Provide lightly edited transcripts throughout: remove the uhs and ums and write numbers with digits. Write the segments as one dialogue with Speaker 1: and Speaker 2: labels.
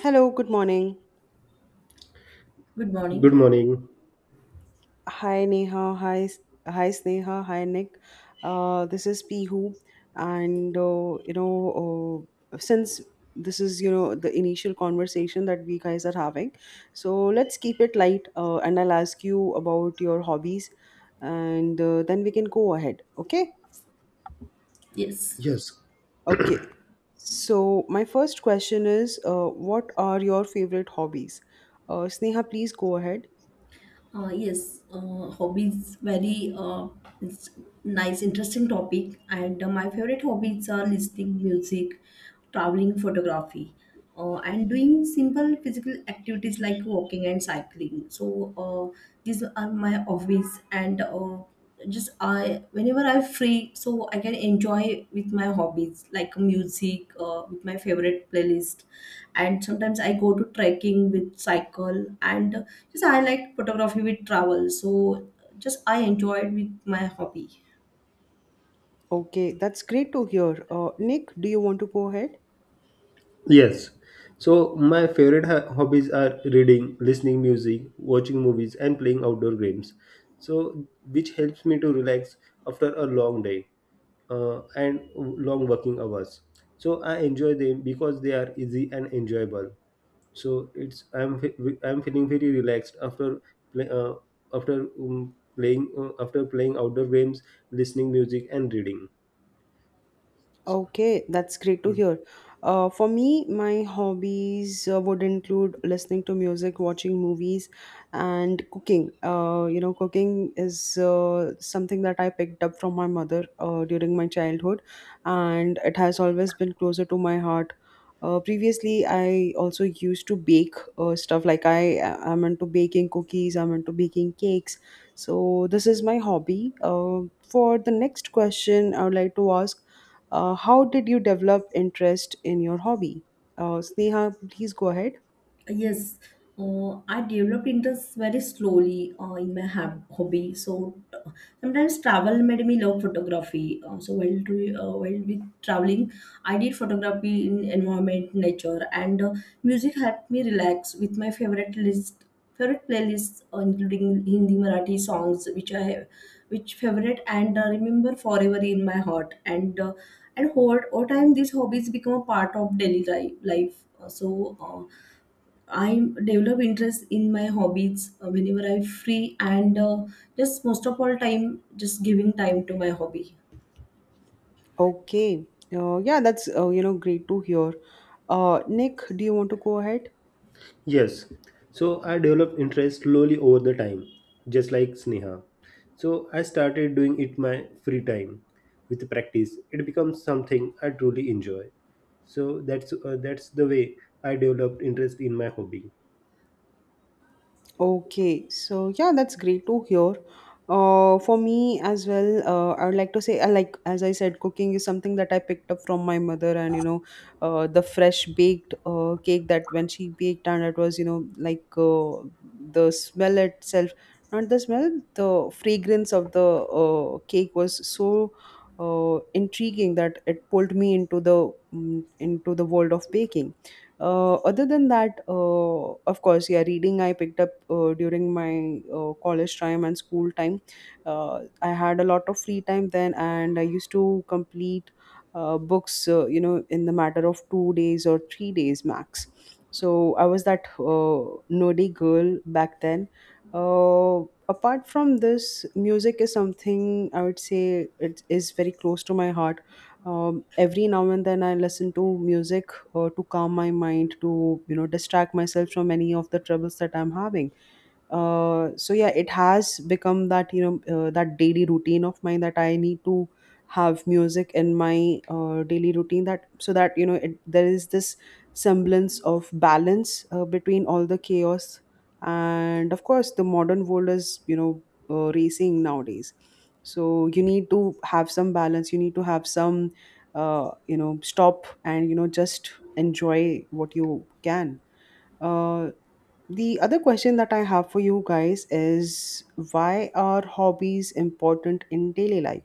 Speaker 1: Hello, good morning.
Speaker 2: Good
Speaker 3: Good
Speaker 2: morning.
Speaker 3: morning.
Speaker 1: Hi Neha, hi Sneha, hi Nick. This is Pihu, and since this is the initial conversation that we guys are having, so let's keep it light. And I'll ask you about your hobbies, and then we can go ahead. Okay?
Speaker 2: Yes,
Speaker 3: Yes,
Speaker 1: Okay. So my first question is, what are your favorite hobbies? Sneha, please go ahead.
Speaker 2: yes. Hobbies, very it's nice, interesting topic. And My favorite hobbies are listening music, traveling photography, and doing simple physical activities like walking and cycling. So uh, these are my hobbies, and just I whenever I'm free so I can enjoy with my hobbies like music, with my favorite playlist, and sometimes I go to trekking with cycle, and just I like photography with travel, so just I enjoyed with my hobby.
Speaker 1: Okay, that's great to hear. Nick, do you want to go ahead?
Speaker 3: yes. So my favorite hobbies are reading, listening music, watching movies, and playing outdoor games. So which helps me to relax after a long day and long working hours. So I enjoy them because they are easy and enjoyable. So it's I'm feeling very relaxed after play, after playing after playing outdoor games, listening music, and reading.
Speaker 1: Okay, that's great to hear. For me, my hobbies would include listening to music, watching movies, and cooking. Cooking is something that I picked up from my mother during my childhood, and it has always been closer to my heart. Previously, I also used to bake stuff like I am into baking cookies, I'm into baking cakes. So, this is my hobby. For the next question, I would like to ask how did you develop interest in your hobby? Sneha, please go ahead.
Speaker 2: Yes, I developed interest very slowly in my hobby. So sometimes travel made me love photography. So while while with traveling, I did photography in environment, nature, and music helped me relax with my favorite list, favorite playlists, including Hindi, Marathi songs, which I have, which favorite and remember forever in my heart. And hold over time, these hobbies become a part of daily life. I develop interest in my hobbies whenever I'm free and just most of all time just giving time to my hobby.
Speaker 1: Okay. Yeah, that's great to hear. Nick, do you want to go ahead?
Speaker 3: Yes. So I developed interest slowly over the time, just like Sneha. So I started doing it my free time. With practice, it becomes something I truly enjoy. So that's the way I developed interest in my hobby.
Speaker 1: Okay, so yeah, that's great to hear. For me as well, I would like to say, I like as I said, cooking is something that I picked up from my mother, and the fresh baked cake that when she baked, and it was the smell itself, not the smell, the fragrance of the cake was so intriguing that it pulled me into the into the world of baking. Uh, other than that, of course, yeah, reading I picked up during my college time and school time. I had a lot of free time then, and I used to complete books, in the matter of 2 days or 3 days max. So I was that nerdy girl back then. Uh, Apart from this, music is something I would say it is very close to my heart. Every now and then I listen to music to calm my mind to distract myself from any of the troubles that I'm having. So yeah, it has become that that daily routine of mine that I need to have music in my daily routine, that so that there is this semblance of balance between all the chaos. And of course, the modern world is racing nowadays, so you need to have some balance, you need to have some stop and just enjoy what you can. uh, the other question that I have for you guys is, why are hobbies important in daily life?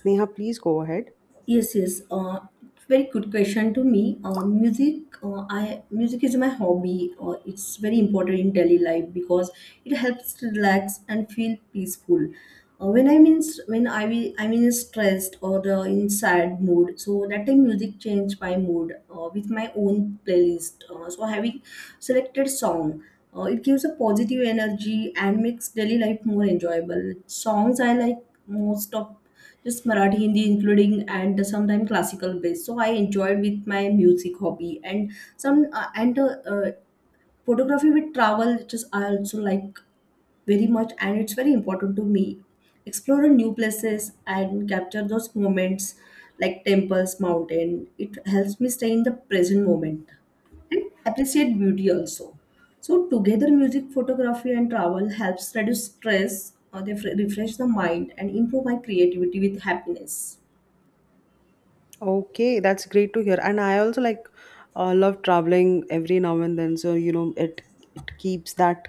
Speaker 1: Sneha, please go ahead.
Speaker 2: Yes, yes. Uh, Very good question to me. I music is my hobby. It's very important in daily life because it helps to relax and feel peaceful. Uh, when I'm in, when I I'm in a stressed or the in sad mood, so that time music change my mood, with my own playlist. So having selected song. It gives a positive energy and makes daily life more enjoyable. Songs I like most of just Marathi, Hindi, including and sometimes classical based. So I enjoyed with my music hobby and some and photography with travel, which is I also like very much, and it's very important to me explore new places and capture those moments like temples mountain. It helps me stay in the present moment and appreciate beauty also. So together music photography and travel helps reduce stress or they refresh the mind and improve my creativity with happiness.
Speaker 1: Okay, that's great to hear. And I also like love traveling every now and then. So, you know, it keeps that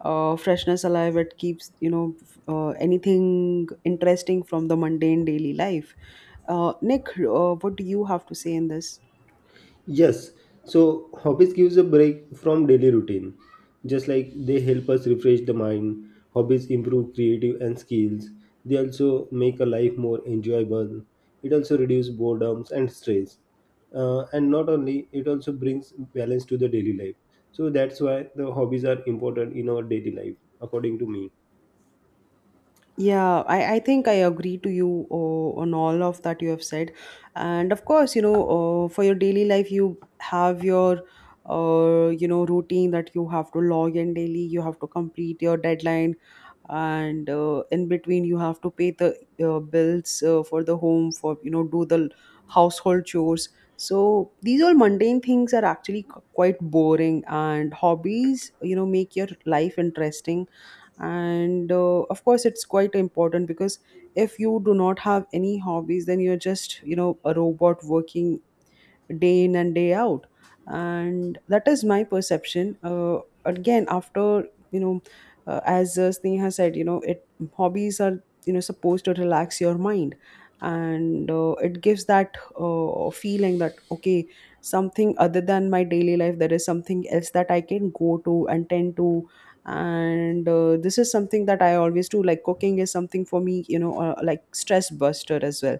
Speaker 1: freshness alive. It keeps, you know, anything interesting from the mundane daily life. Nick, what do you have to say in this?
Speaker 3: Yes, so hobbies gives a break from daily routine. Just like they help us refresh the mind, hobbies improve creative and skills. They also make a life more enjoyable. It also reduce boredoms and stress. And not only, it also brings balance to the daily life. So that's why the hobbies are important in our daily life, according to me.
Speaker 1: Yeah, I think I agree to you on all of that you have said. And of course, you know, for your daily life, you have your, routine that you have to log in daily, you have to complete your deadline, and in between you have to pay the bills for the home, for do the household chores. So these all mundane things are actually quite boring, and hobbies, make your life interesting. And of course it's quite important because if you do not have any hobbies, then you're just a robot working day in and day out. And that is my perception. Again, after you know as Sneha said, you know it hobbies are supposed to relax your mind. And it gives that feeling that, okay, something other than my daily life, there is something else that I can go to and tend to. And this is something that I always do, like cooking is something for me, like stress buster as well.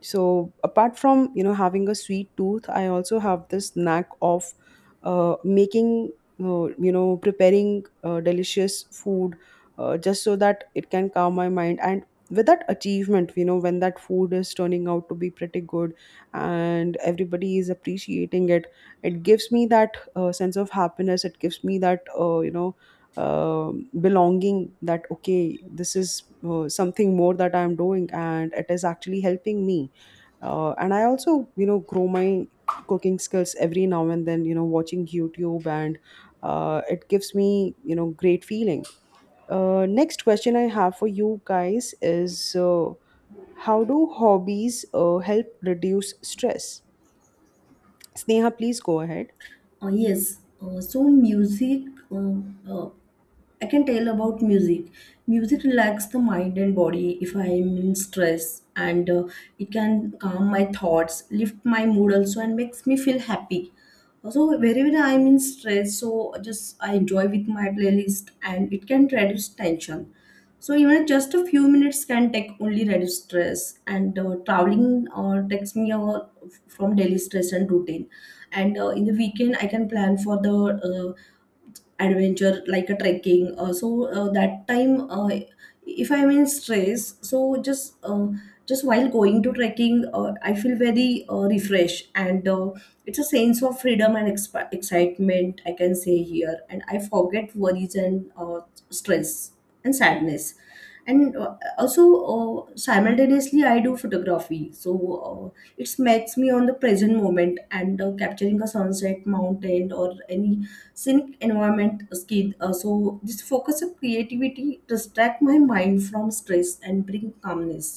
Speaker 1: So apart from having a sweet tooth, I also have this knack of making preparing delicious food, just so that it can calm my mind. And with that achievement, when that food is turning out to be pretty good and everybody is appreciating it, it gives me that sense of happiness. It gives me that belonging that, okay, this is something more that I'm doing, and it is actually helping me. And I also grow my cooking skills every now and then, watching YouTube. And it gives me great feeling. Next question I have for you guys is, how do hobbies help reduce stress? Sneha, please go ahead.
Speaker 2: Uh, yes, uh, so music, uh, uh, I can tell about music. Music relaxes the mind and body if I am in stress, and it can calm my thoughts, lift my mood also, and makes me feel happy. So wherever I'm in stress, so just I enjoy with my playlist, and it can reduce tension. So even just a few minutes can take only reduce stress, and traveling takes me from daily stress and routine. And in the weekend, I can plan for the adventure like a trekking. So that time, if I'm in stress, so just while going to trekking, I feel very refreshed, and it's a sense of freedom and excitement I can say here. And I forget worries and stress and sadness, and also simultaneously I do photography. So it makes me on the present moment, and capturing a sunset mountain or any scenic environment skid. So this focus of creativity distract my mind from stress and bring calmness.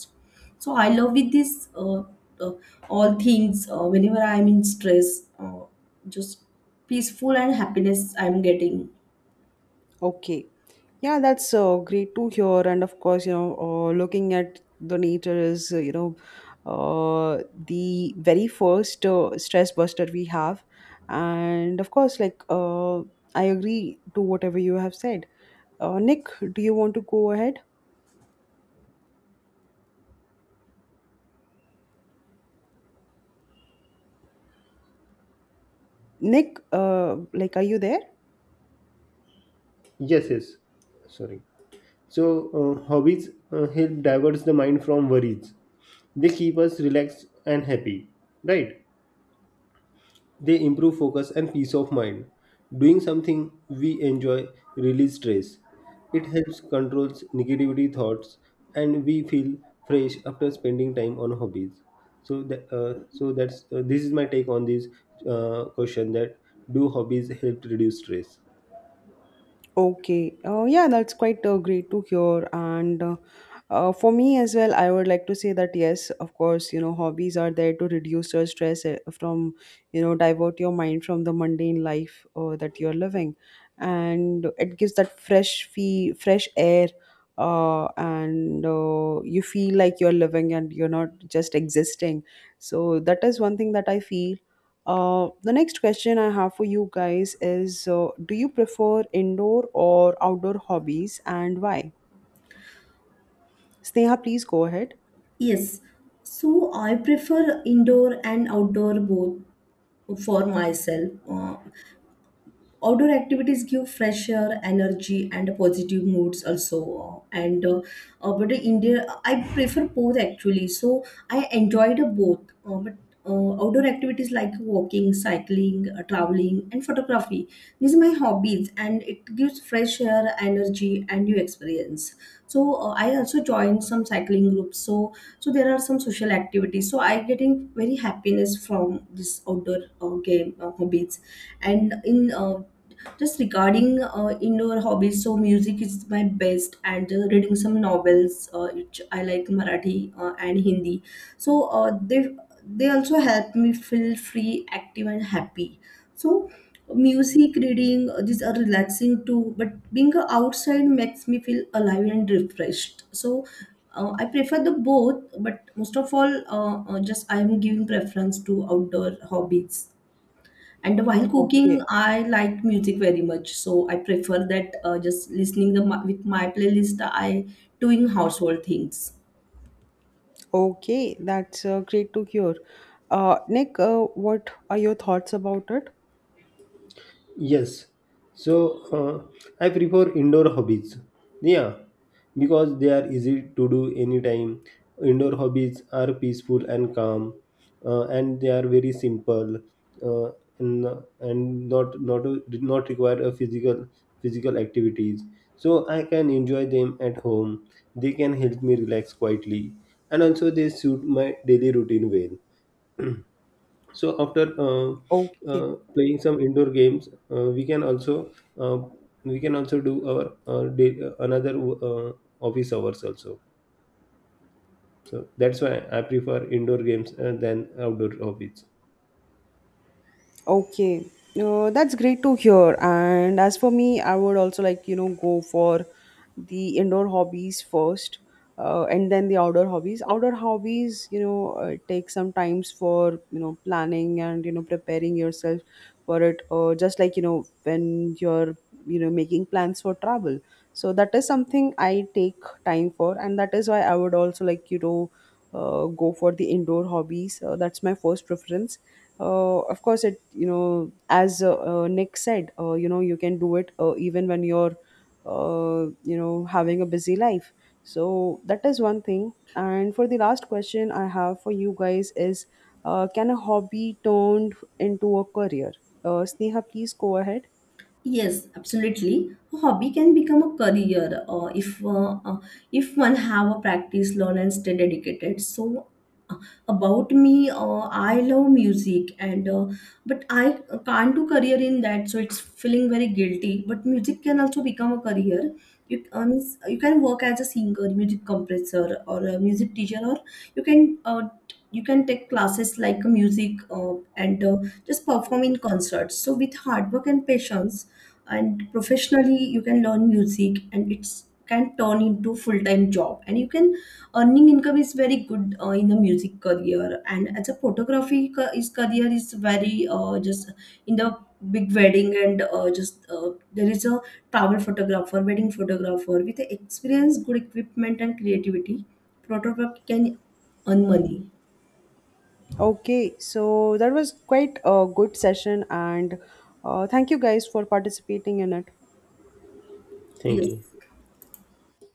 Speaker 2: So I love with this, uh, all things. Whenever I'm in stress, just peaceful and happiness I'm getting.
Speaker 1: Okay. Yeah, that's great to hear. And of course, you know, looking at the nature is, the very first stress buster we have. And of course, like, I agree to whatever you have said. Nick, do you want to go ahead? Nick, like, are you there?
Speaker 3: Yes, yes. Sorry. So hobbies help diverts the mind from worries. They keep us relaxed and happy, right? They improve focus and peace of mind. Doing something we enjoy release stress. It helps controls negativity thoughts, and we feel fresh after spending time on hobbies. So that, so that's this is my take on this question that do hobbies help reduce stress?
Speaker 1: Okay. Yeah, that's quite great to hear. And for me as well, I would like to say that yes, of course, you know, hobbies are there to reduce your stress from, you know, divert your mind from the mundane life that you're living. And it gives that fresh air, and you feel like you're living and you're not just existing. So that is one thing that I feel. The next question I have for you guys is, do you prefer indoor or outdoor hobbies and why? Sneha, please go ahead.
Speaker 2: Yes, so I prefer indoor and outdoor both for myself. Outdoor activities give fresh air energy and positive moods also, and but the india I prefer both actually, so I enjoyed both. But outdoor activities like walking cycling, traveling and photography, these are my hobbies, and it gives fresh air energy and new experience. So I also joined some cycling groups, so so there are some social activities, so I getting very happiness from this outdoor game hobbies. And in uh, just regarding indoor hobbies, so music is my best, and reading some novels, which I like Marathi and Hindi. So uh, they they also help me feel free, active, and happy. So music, reading, these are relaxing too. But being outside makes me feel alive and refreshed. I prefer the both, but most of all, just I am giving preference to outdoor hobbies. And while cooking
Speaker 1: Okay.
Speaker 2: I like music very much, so I prefer that. Just listening the, with my playlist I doing household things.
Speaker 1: Okay. That's great to hear. Nick, what are your thoughts about it?
Speaker 3: Yes. So I prefer indoor hobbies. Yeah, because they are easy to do anytime. Indoor hobbies are peaceful and calm, and they are very simple, uh, and, and not require a physical activities. So I can enjoy them at home. They can help me relax quietly, and also they suit my daily routine well, so after
Speaker 1: Okay.
Speaker 3: playing some indoor games, uh, we can also uh, we can also do our another office hours also. So that's why I prefer indoor games than outdoor hobbies.
Speaker 1: Okay, that's great to hear. And as for me, I would also like, you know, go for the indoor hobbies first, and then the outdoor hobbies. Outdoor hobbies, you know, take some times for, you know, planning and, you know, preparing yourself for it, or just like, you know, making plans for travel. So that is something I take time for, and that is why I would also like, go for the indoor hobbies. That's my first preference. Of course, it, you know as Nick said, you can do it even when you're having a busy life. So that is one thing. And for the last question I have for you guys is, can a hobby turned into a career? Sneha, please go ahead.
Speaker 2: Yes, absolutely. A hobby can become a career if one have a practice, learn, and stay dedicated. Uh, about me, I love music, and but I can't do career in that, so it's feeling very guilty. But music can also become a career. You means you can work as a singer, music compressor, or a music teacher, or you can uh, you can take classes like music, and just perform in concerts. So, with hard work and patience and professionally you can learn music, and it's can turn into full-time job, and you can earning income is very good in the music career. And as a photography is career is very just in the big wedding, and just there is a travel photographer wedding photographer with the experience good equipment and creativity, photographer can earn money.
Speaker 1: Okay, so that was quite a good session. And thank you guys for participating in it.
Speaker 3: Thank you.
Speaker 2: Yes.